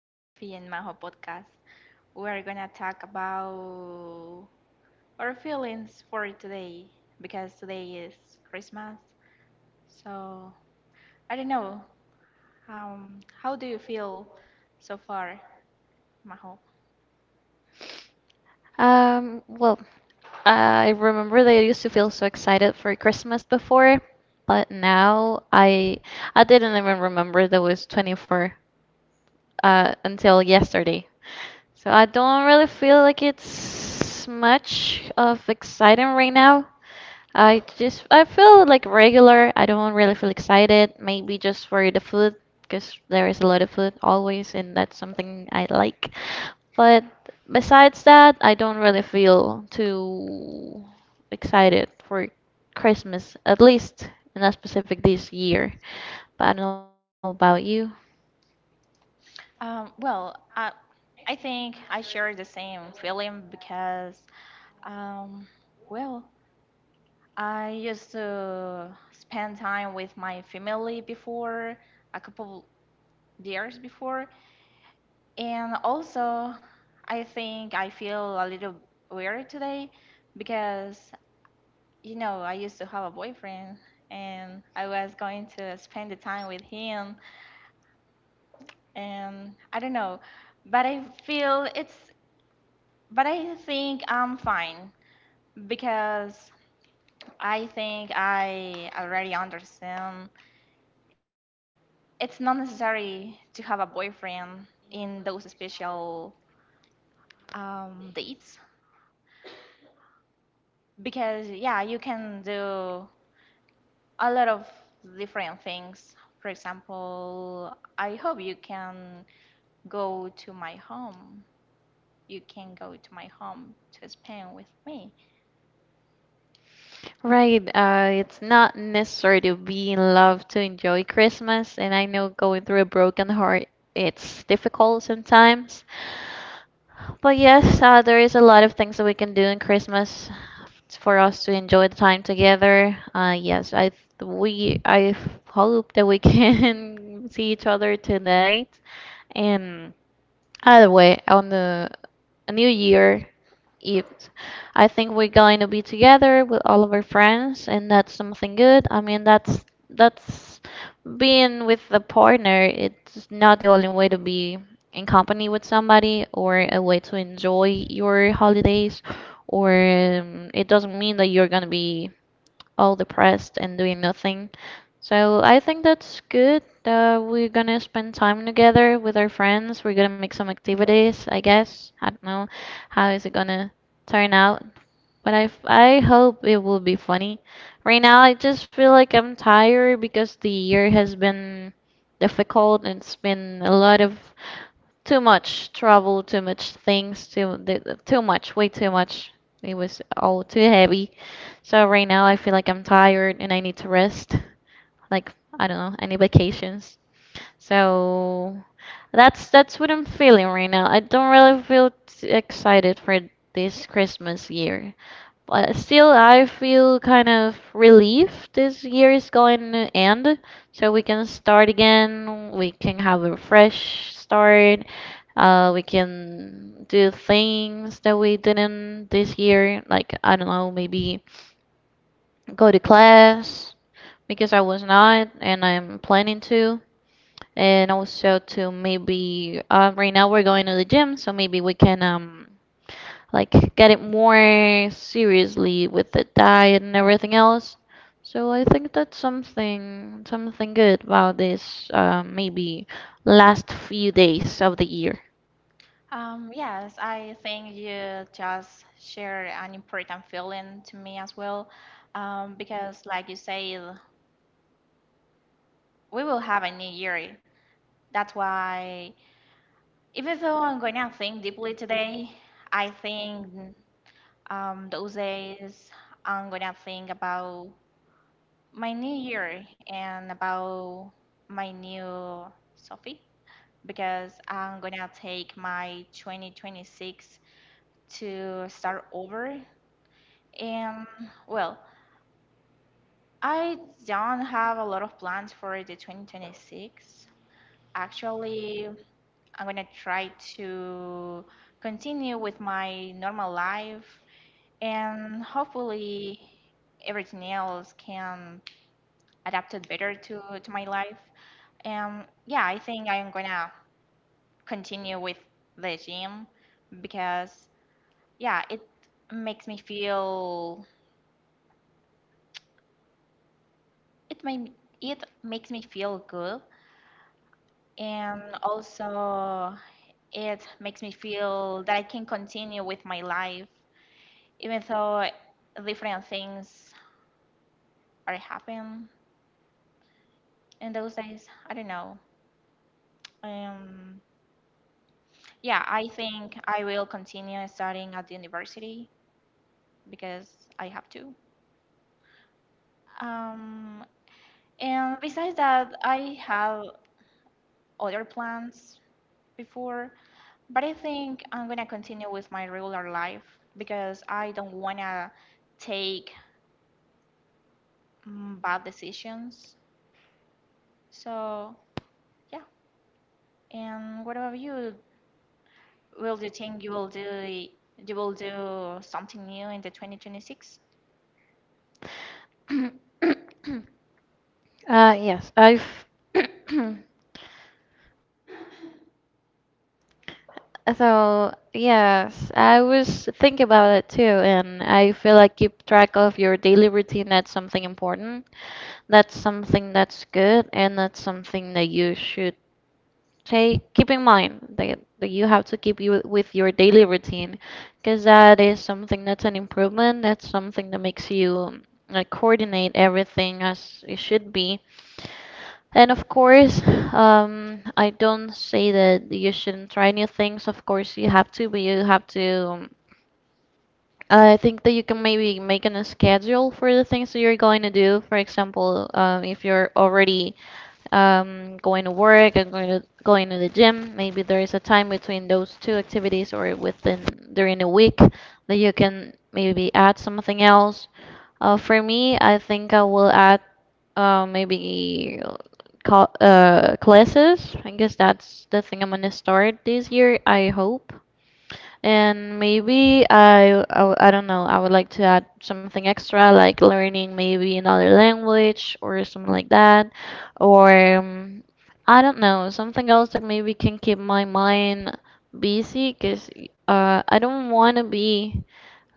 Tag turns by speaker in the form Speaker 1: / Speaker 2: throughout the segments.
Speaker 1: Sophie and Maho podcast. We're gonna talk about our feelings for today because today is Christmas. So I don't know. How do you feel so far, Maho?
Speaker 2: Well, I remember that I used to feel so excited for Christmas before, but now I didn't even remember that it was 24 until yesterday. So I don't really feel like it's much of exciting right now. I feel like regular. I don't really feel excited. Maybe just for the food, because there is a lot of food always, and that's something I like. But besides that, I don't really feel too excited for Christmas, at least in that specific this year. But I don't know about you.
Speaker 1: Well, I think I share the same feeling because um, well, I used to spend time with my family before a couple years before. And also, I think I feel a little weird today because, you know, I used to have a boyfriend and I was going to spend the time with him and I don't know, but I feel it's, but I think I'm fine because I think I already understand it's not necessary to have a boyfriend in those special dates because yeah, you can do a lot of different things. For example, I hope you can go to my home. You can go to my home to Spain with me.
Speaker 2: Right, it's not necessary to be in love to enjoy Christmas, and I know going through a broken heart, it's difficult sometimes. But yes, there is a lot of things that we can do in Christmas for us to enjoy the time together. Yes, I hope that we can see each other tonight, and. Either way, on the a New Year Eve, I think we're going to be together with all of our friends, and that's something good. I mean, that's being with a partner. It's not the only way to be in company with somebody or a way to enjoy your holidays, or it doesn't mean that you're gonna be all depressed and doing nothing. So I think that's good. We're gonna spend time together with our friends. We're gonna make some activities, I guess. I don't know how is it gonna turn out, but I hope it will be funny. Right now, I just feel like I'm tired because the year has been difficult and it's been a lot of too much trouble, too much things, too much, way too much. It was all too heavy. So right now I feel like I'm tired and I need to rest. Like I don't know, I need vacations. So that's what I'm feeling right now. I don't really feel excited for this Christmas year. But still, I feel kind of relief this year is going to end, so we can start again. We can have a fresh start. We can do things that we didn't this year. Like, I don't know, maybe go to class because I was not, and I'm planning to. And also to maybe right now we're going to the gym, so maybe we can like get it more seriously with the diet and everything else. So I think that's something good about this maybe last few days of the year.
Speaker 1: Yes, I think you just share an important feeling to me as well, because, like you said, we will have a new year. That's why, even though I'm going to think deeply today, I think those days I'm going to think about my new year and about my new Sophie because I'm gonna take my 2026 to start over. And well, I don't have a lot of plans for the 2026. Actually, I'm gonna try to continue with my normal life and hopefully everything else can adapt it better to my life. Yeah, I think I'm gonna continue with the gym because yeah, it makes me feel it made it makes me feel good and also it makes me feel that I can continue with my life even though different things are happening in those days. I don't know. Um, yeah, I think I will continue studying at the university because I have to. Um, And besides that, I have other plans before, but I think I'm gonna continue with my regular life because I don't wanna take bad decisions. So yeah. And what about you? Will you think you will do something new in the 2026?
Speaker 2: Yes, I've So, yes, I was thinking about it too, and I feel like keep track of your daily routine. That's something important. That's something that's good, and that's something that you should take keep in mind that you have to keep you with your daily routine, because that is something that's an improvement. That's something that makes you like coordinate everything as it should be, and of course, I don't say that you shouldn't try new things. Of course, you have to, but you have to. I think that you can maybe make a schedule for the things that you're going to do. For example, if you're already going to work and going to the gym, maybe there is a time between those two activities or within during a week that you can maybe add something else. For me, I think I will add maybe classes. I guess that's the thing I'm gonna start this year. I hope. And maybe I don't know, I would like to add something extra, like learning maybe another language or something like that. Or I don't know, something else that maybe can keep my mind busy, because I don't want to be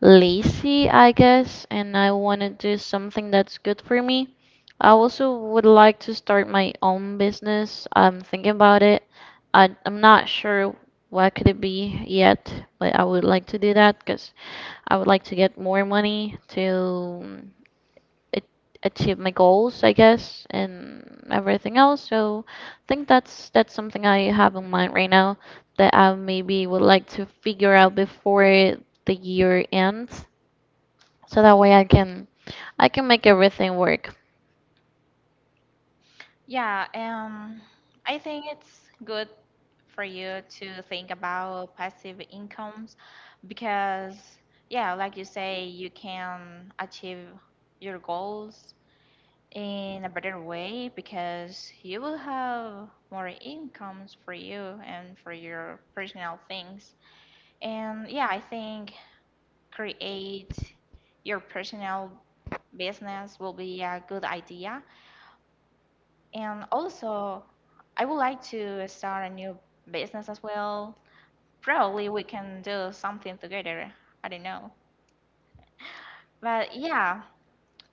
Speaker 2: lazy, I guess, and I want to do something that's good for me. I also would like to start my own business. I'm thinking about it. I'm not sure what could it be yet, but I would like to do that because I would like to get more money to mm, a- achieve my goals, I guess, and everything else. So I think that's something I have in mind right now that I maybe would like to figure out before the year ends, so that way I can make everything work.
Speaker 1: Yeah, I think it's good for you to think about passive incomes because yeah, like you say, you can achieve your goals in a better way because you will have more incomes for you and for your personal things, and yeah, I think create your personal business will be a good idea. And also I would like to start a new business as well. Probably we can do something together, I don't know, but yeah.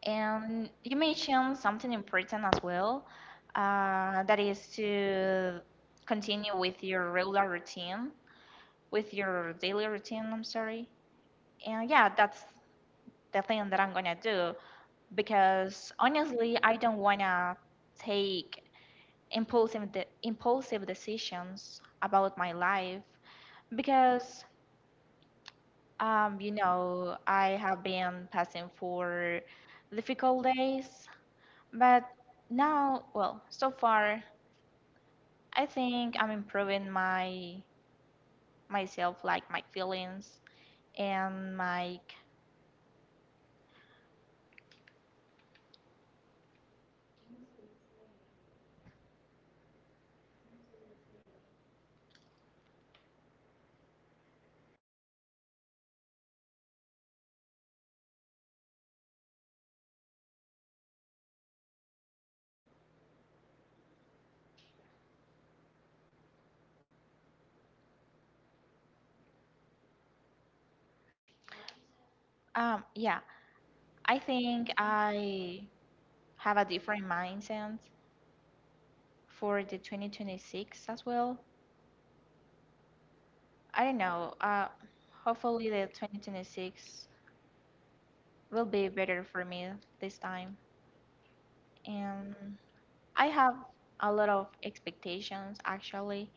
Speaker 1: And you mentioned something important as well, that is to continue with your regular routine, with your daily routine, I'm sorry. And yeah, that's the thing that I'm gonna do because honestly, I don't wanna take impulsive decisions about my life because you know, I have been passing for difficult days. But now, well, so far, I think I'm improving my myself, like my feelings and my yeah, I think I have a different mindset for the 2026 as well. I don't know. Hopefully the 2026 will be better for me this time. And I have a lot of expectations actually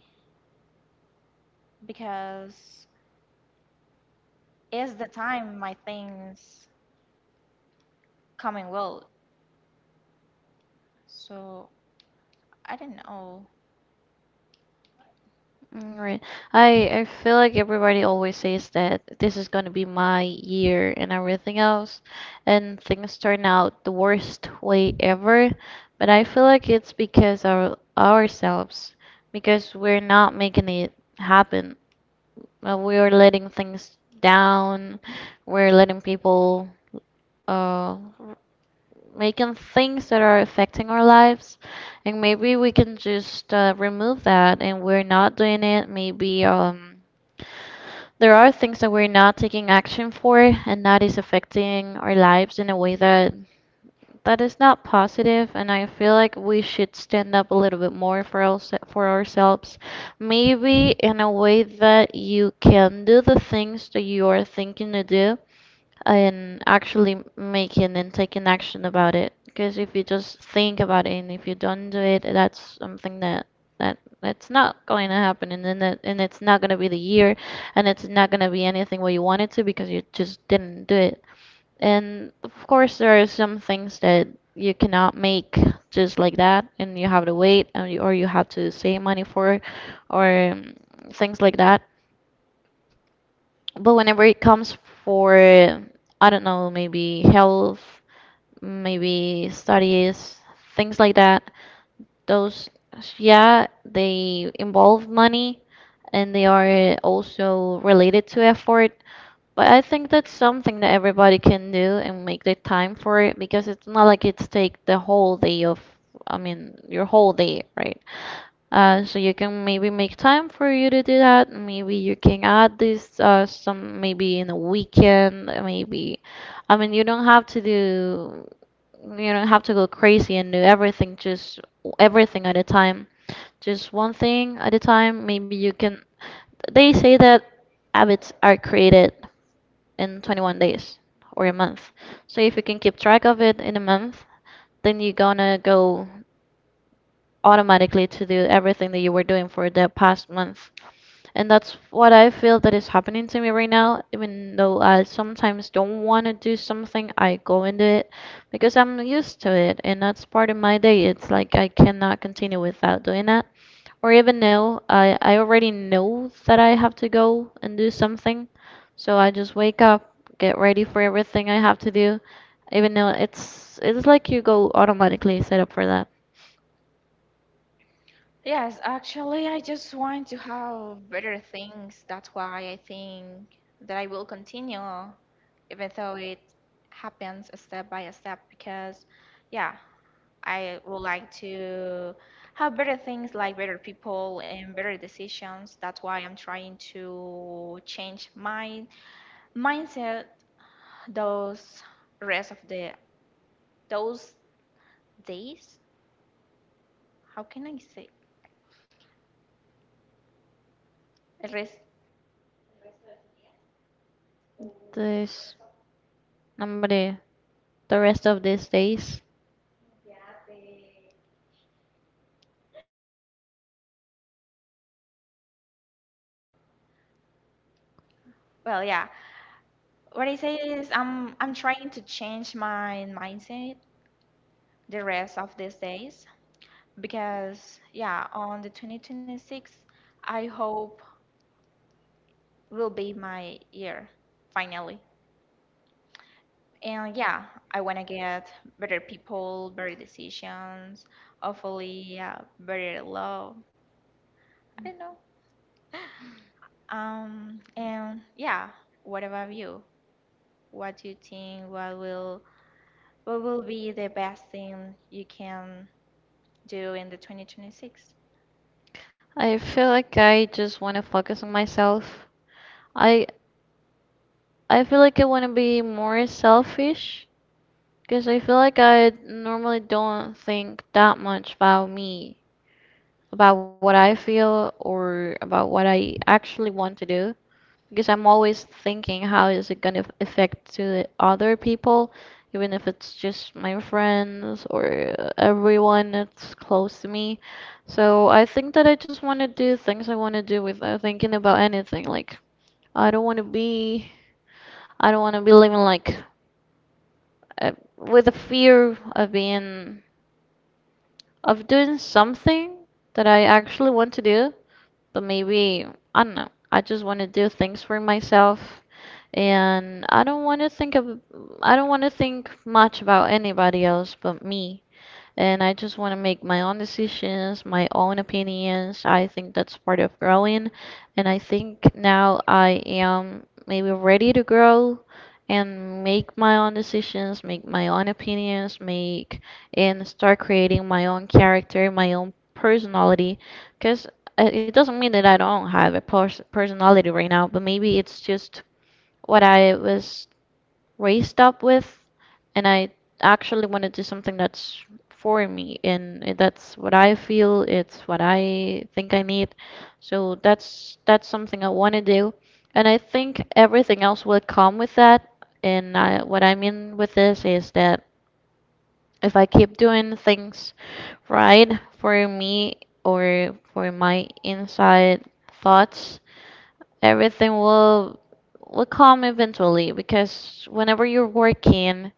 Speaker 1: because it's the time my things coming world. So I don't know.
Speaker 2: Right. I feel like everybody always says that this is gonna be my year and everything else, and things turn out the worst way ever. But I feel like it's because ourselves, because we're not making it happen. We are letting things down. We're letting people uh making things that are affecting our lives and maybe we can just remove that and we're not doing it maybe there are things that we're not taking action for and that is affecting our lives in a way that is not positive and I feel like we should stand up a little bit more for ourselves maybe in a way that you can do the things that you are thinking to do and actually making and taking action about it. Because if you just think about it and if you don't do it, that's something that that's not going to happen, and it's not going to be the year, and it's not going to be anything what you want it to because you just didn't do it. And of course, there are some things that you cannot make just like that, and you have to wait, or you have to save money for, or things like that. But whenever it comes for, I don't know, maybe health, maybe studies, things like that, those, yeah, they involve money and they are also related to effort. But I think that's something that everybody can do and make the time for it because it's not like it's take the whole day of, I mean, your whole day, right? So you can maybe make time for you to do that. Maybe you can add this some maybe in a weekend. Maybe, I mean, you don't have to do, you don't have to go crazy and do everything just everything at a time. Just one thing at a time. Maybe you can. They say that habits are created in 21 days or a month. So if you can keep track of it in a month, then you're gonna go automatically to do everything that you were doing for the past month. And that's what I feel that is happening to me right now. Even though I sometimes don't want to do something, I go into it because I'm used to it and that's part of my day. It's like I cannot continue without doing that. Or even though I already know that I have to go and do something. So I just wake up, get ready for everything I have to do. Even though it's like you go automatically set up for that.
Speaker 1: Yes, actually, I just want to have better things. That's why I think that I will continue, even though it happens a step by a step. Because, yeah, I would like to have better things, like better people and better decisions. That's why I'm trying to change my mindset those rest of the those days. How can I say? The rest.
Speaker 2: This, hombre, the rest of these days,
Speaker 1: Well, yeah. What I say is I'm trying to change my mindset the rest of these days because yeah, on the 2026, I hope will be my year finally. And yeah, I want to get better people, better decisions, hopefully yeah, better love. I don't know. And yeah, what about you? What do you think? What will be the best thing you can do in the 2026?
Speaker 2: I feel like I just want to focus on myself. I I feel like I want to be more selfish because I feel like I normally don't think that much about me, about what I feel or about what I actually want to do because I'm always thinking how is it going to affect to the other people even if it's just my friends or everyone that's close to me. So I think that I just want to do things I want to do without thinking about anything like I don't want to be I don't want to be living like uh, with a fear of being of doing something that I actually want to do, but maybe I don't know. I just want to do things for myself and I don't want to think of I don't want to think much about anybody else but me and I just want to make my own decisions, my own opinions. I think that's part of growing, and I think now I am maybe ready to grow and make my own decisions, make my own opinions, make and start creating my own character, my own personality, because it doesn't mean that I don't have a personality right now, but maybe it's just what I was raised up with. And I actually want to do something that's for me, and it- that's what I feel, it's what I think I need. So that's something I want to do, and I think everything else will come with that. And I, what I mean with this is that if I keep doing things right for me or for my inside thoughts, everything will come eventually. Because whenever you're working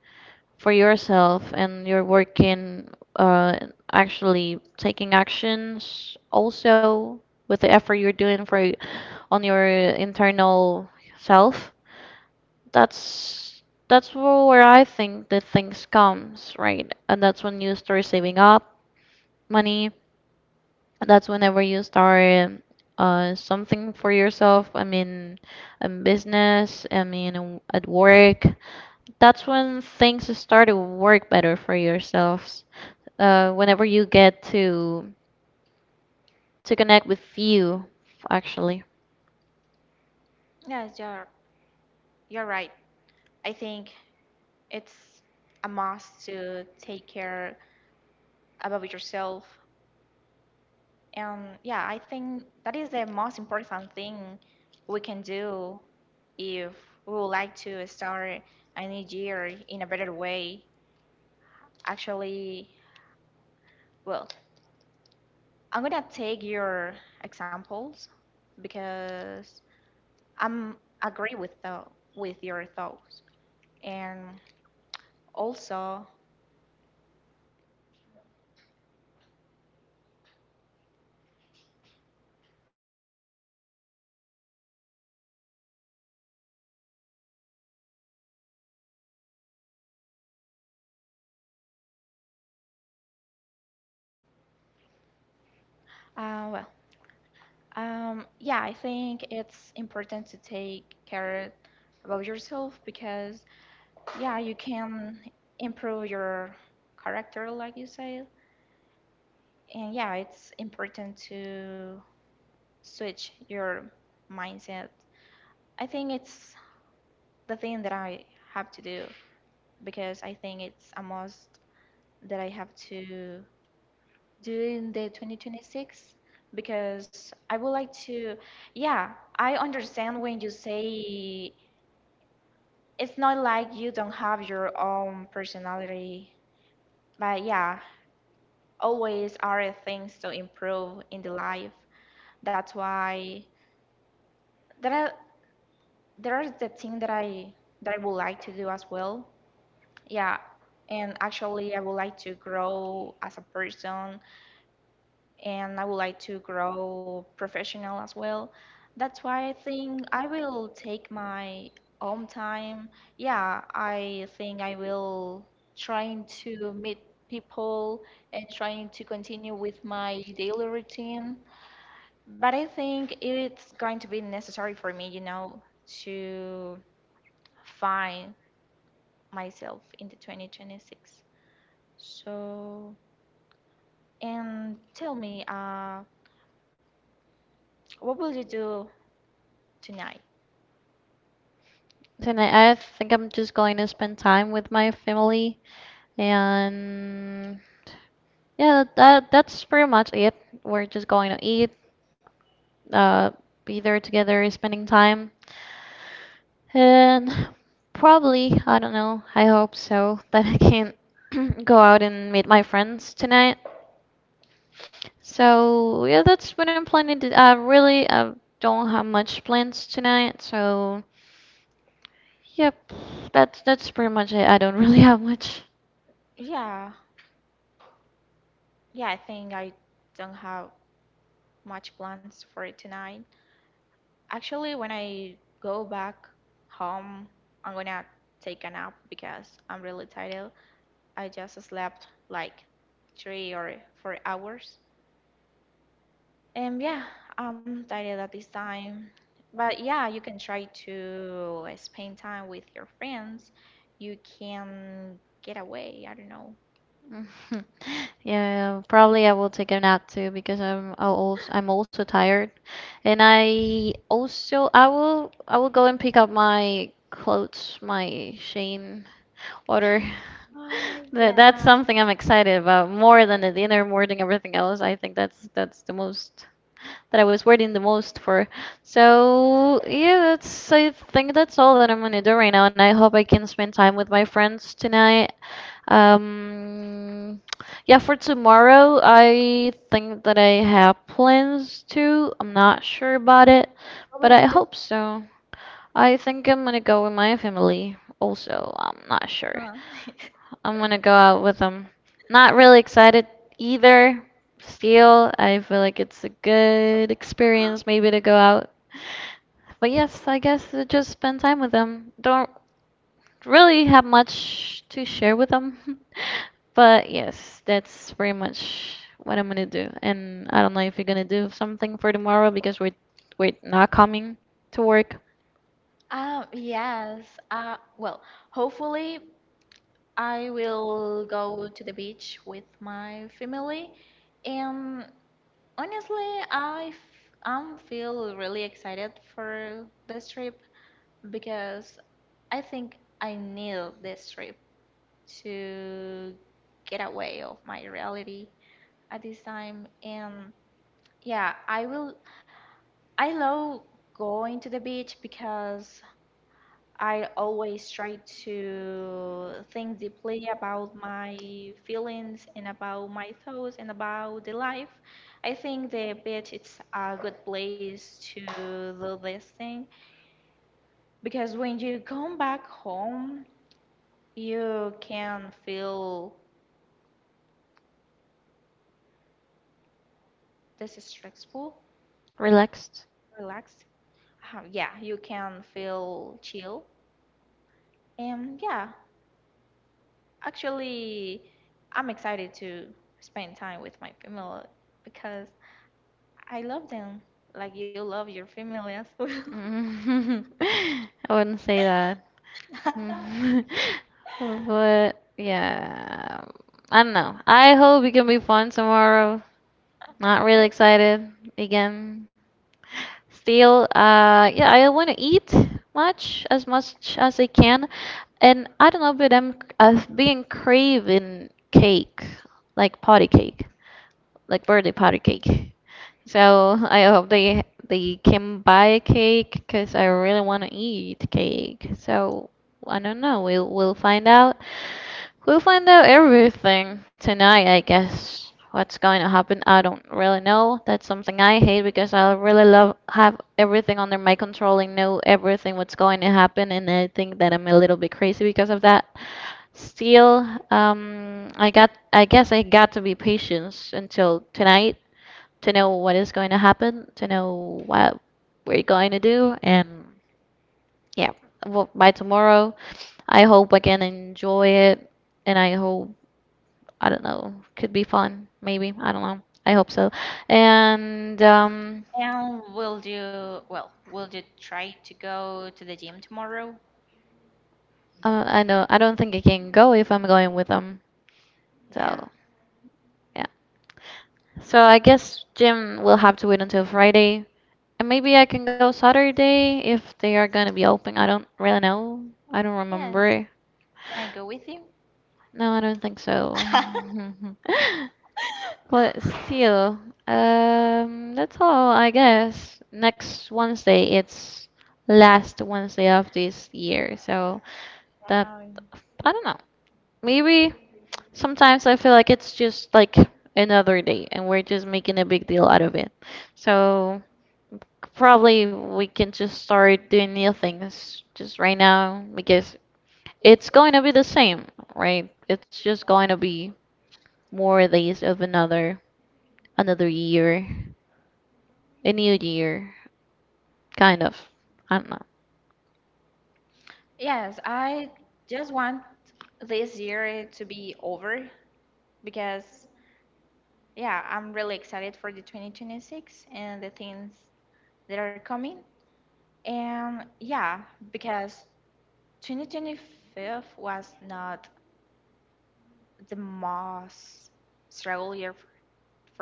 Speaker 2: for yourself and you're working uh, actually taking actions also with the effort you're doing for y- on your internal self, that's that's where I think the things comes right, and that's when you start saving up money, that's whenever you start something for yourself. I mean, in business, I mean, in- at work. That's when things start to work better for yourselves. Whenever you get to connect with you, actually.
Speaker 1: Yes, you're right. I think it's a must to take care about yourself. And yeah, I think that is the most important thing we can do if we would like to start a new year in a better way. Actually, well, I'm gonna take your examples because I'm agree with the with your thoughts. And also, well, yeah, I think it's important to take care about yourself because, yeah, you can improve your character, like you said. And yeah, it's important to switch your mindset. I think it's the thing that I have to do because I think it's a must that I have to do in the 2026 because I would like to, yeah, I understand when you say it's not like you don't have your own personality, but yeah, always are things to improve in the life. That's why there are there are the thing that I would like to do as well. Yeah, and actually I would like to grow as a person, and I would like to grow professional as well. That's why I think I will take my own time. Yeah, I think I will trying to meet people and trying to continue with my daily routine. But I think it's going to be necessary for me, you know, to find myself in the 2026. So, and tell me, what will you do tonight?
Speaker 2: And I think I'm just going to spend time with my family, and yeah, that's pretty much it. We're just going to eat, uh, be there together, spending time. And probably, I don't know, I hope so, that I can go out and meet my friends tonight. So, yeah, that's what I'm planning to. I really don't have much plans tonight, so yep, that's pretty much it. I don't really have much.
Speaker 1: Yeah, yeah, I think I don't have much plans for it tonight. Actually, when I go back home, I'm gonna take a nap because I'm really tired. I just slept like 3 or 4 hours. And yeah, I'm tired at this time. But yeah, you can try to spend time with your friends. You can get away, I don't know.
Speaker 2: Mhm. Yeah, probably I will take a nap too, because I'll also, I'm also tired, and I will go and pick up my clothes, my Shane order.
Speaker 1: Ah,
Speaker 2: That's
Speaker 1: yeah.
Speaker 2: something I'm excited about more than the dinner, more than everything else. I think that's the most that I was waiting the most for. So yeah, that's, I think that's all that I'm gonna do right now, and I hope I can spend time with my friends tonight. Um, yeah, for tomorrow, I think that I have plans to. I'm not sure about it,
Speaker 1: What
Speaker 2: but
Speaker 1: will you
Speaker 2: I
Speaker 1: do?
Speaker 2: hope so. I think I'm gonna go with my family also. I'm not sure.
Speaker 1: Huh?
Speaker 2: I'm gonna go out with them. Not really excited either. Still, I feel like it's a good experience maybe to go out. But yes, I guess just spend time with them. Don't really have much to share with them. But yes, that's pretty much what I'm gonna do. And I don't know if you're gonna do something for tomorrow, because we're not coming to work
Speaker 1: Yes. Well, hopefully I will go to the beach with my family. And honestly, I'm feel really excited for this trip because I think I need this trip to get away of my reality at this time. And yeah, I will. I love going to the beach because I always try to think deeply about my feelings and about my thoughts and about the life. I think the beach is a good place to do this thing because when you come back home, you can feel this is stressful,
Speaker 2: relaxed.
Speaker 1: relaxed. Yeah, you can feel chill. And yeah, actually, I'm excited to spend time with my family because I love them, like you love your family as well.
Speaker 2: Mm. I wouldn't say that. Mm. But yeah, I don't know. I hope it can be fun tomorrow. Not really excited again. Still, yeah, I want to eat much as I can, and I don't know, but I've been craving cake, like potty cake, like birthday potty cake. So I hope they can buy a cake, because I really want to eat cake. So I don't know. We'll find out. We'll find out everything tonight, I guess. What's going to happen, I don't really know. That's something I hate, because I really love have everything under my control and know everything what's going to happen, and I think that I'm a little bit crazy because of that. Still, I got, I guess I got to be patient until tonight to know what is going to happen, to know what we're going to do, and yeah. Well, by tomorrow, I hope I can enjoy it, and I hope, I don't know, could be fun. Maybe, I don't know. I hope so. And
Speaker 1: And will you, well, will you try to go to the gym tomorrow?
Speaker 2: I know, I don't think I can go if I'm going with them.
Speaker 1: Yeah.
Speaker 2: So. Yeah. So I guess Jim will have to wait until Friday. And maybe I can go Saturday if they are gonna be open. I don't really know. I don't
Speaker 1: Yes.
Speaker 2: remember.
Speaker 1: Can I go with you?
Speaker 2: No, I don't think so. But still, that's all, I guess. Next Wednesday, it's last Wednesday of this year, so that,
Speaker 1: Wow.
Speaker 2: I don't know. Maybe sometimes I feel like it's just like another day, and we're just making a big deal out of it. So probably we can just start doing new things just right now, because it's going to be the same, right? It's just going to be more days of another year, a new year, kind of. I don't know,
Speaker 1: Yes, I just want this year to be over because, yeah, I'm really excited for the 2026 and the things that are coming. And yeah, because 2025 was not the most struggle year for,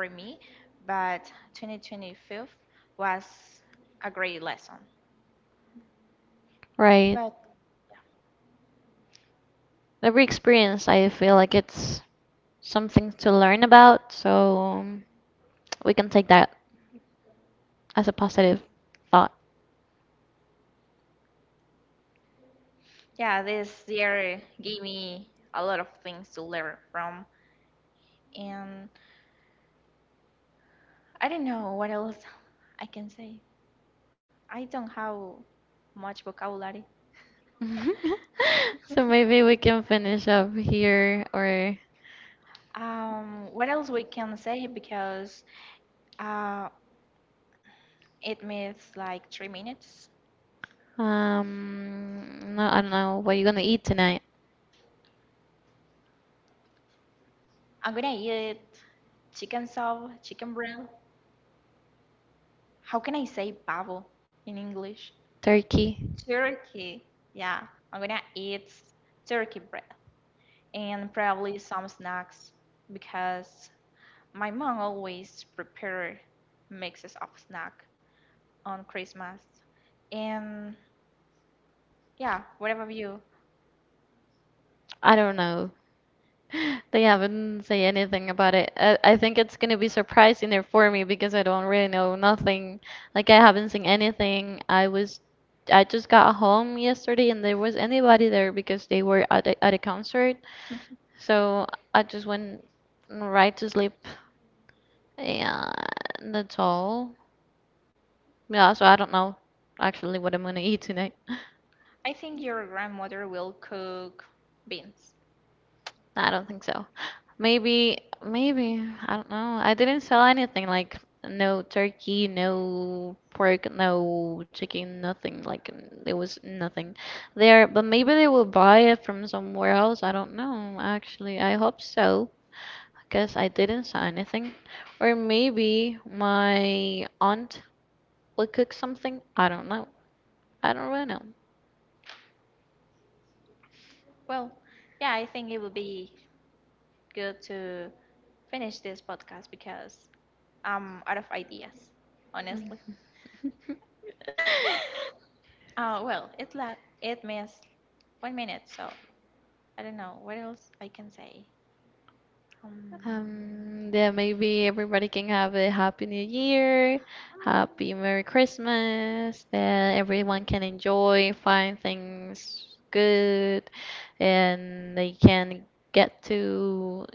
Speaker 1: for me, but 2025 was a great lesson.
Speaker 2: right?
Speaker 1: But
Speaker 2: Every experience, I feel like it's something to learn about, so we can take that as a positive thought.
Speaker 1: yeah, this year gave me a lot of things to learn from, and I don't know what else I can say. I don't have much vocabulary.
Speaker 2: So maybe we can finish up here, or
Speaker 1: What else we can say because uh, it means like 3 minutes.
Speaker 2: no, I don't know. What are you gonna eat tonight?
Speaker 1: I'm gonna eat chicken soup, chicken bread. How can I say pavo in English?
Speaker 2: Turkey?
Speaker 1: Turkey. Yeah, I'm gonna eat turkey bread and probably some snacks because my mom always prepare mixes of snack on Christmas. And yeah, what about you?
Speaker 2: I don't know. They haven't say anything about it. I think it's gonna be surprising there for me, because I don't really know nothing. Like I haven't seen anything. I was, I just got home yesterday, and there was anybody there because they were at at a concert. So I just went right to sleep. Yeah, that's all. Yeah, so I don't know actually what I'm gonna eat tonight.
Speaker 1: I think your grandmother will cook beans.
Speaker 2: I don't think so. Maybe, maybe, I don't know. I didn't sell anything, like no turkey, no pork, no chicken, nothing. Like there was nothing there, but maybe they will buy it from somewhere else. I don't know, actually. I hope so, because I didn't sell anything. Or maybe my aunt will cook something. I don't know. I don't really know.
Speaker 1: Well, yeah, I think it would be good to finish this podcast because I'm out of ideas, honestly. Well, it missed 1 minute, so I don't know what else I can say. Um,
Speaker 2: Yeah, maybe everybody can have a happy new year, happy Merry Christmas, that everyone can enjoy, find things good, and they can get to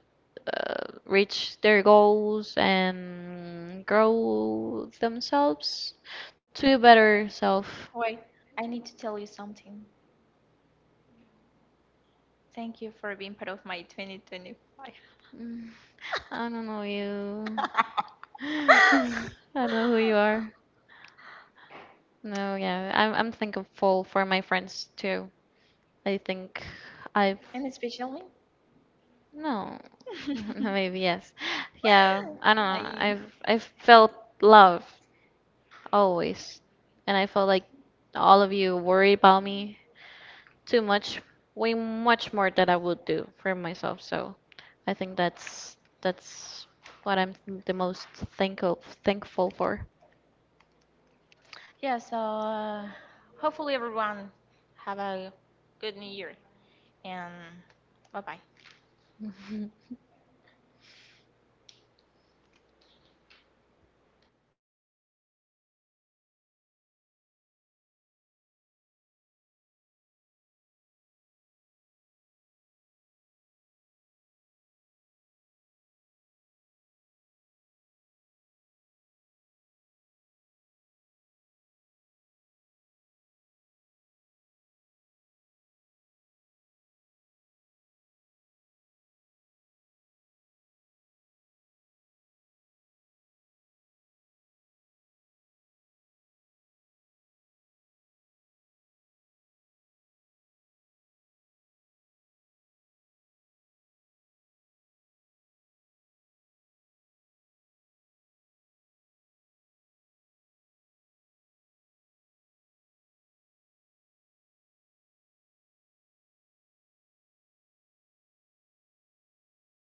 Speaker 2: reach their goals and grow themselves to a better self.
Speaker 1: Wait, I need to tell you something. Thank you for being part of my 2025,
Speaker 2: Mm, I don't know you. I don't know who you are. No, yeah, I'm thankful for my friends too. I think I've
Speaker 1: and especially me.
Speaker 2: no, no, maybe yes, yeah. I don't know.
Speaker 1: I
Speaker 2: I've felt love always, and I felt like all of you worry about me too much, way much more than I would do for myself. So I think that's what I'm the most thankful for.
Speaker 1: yeah. So hopefully everyone have a good new year, and bye bye.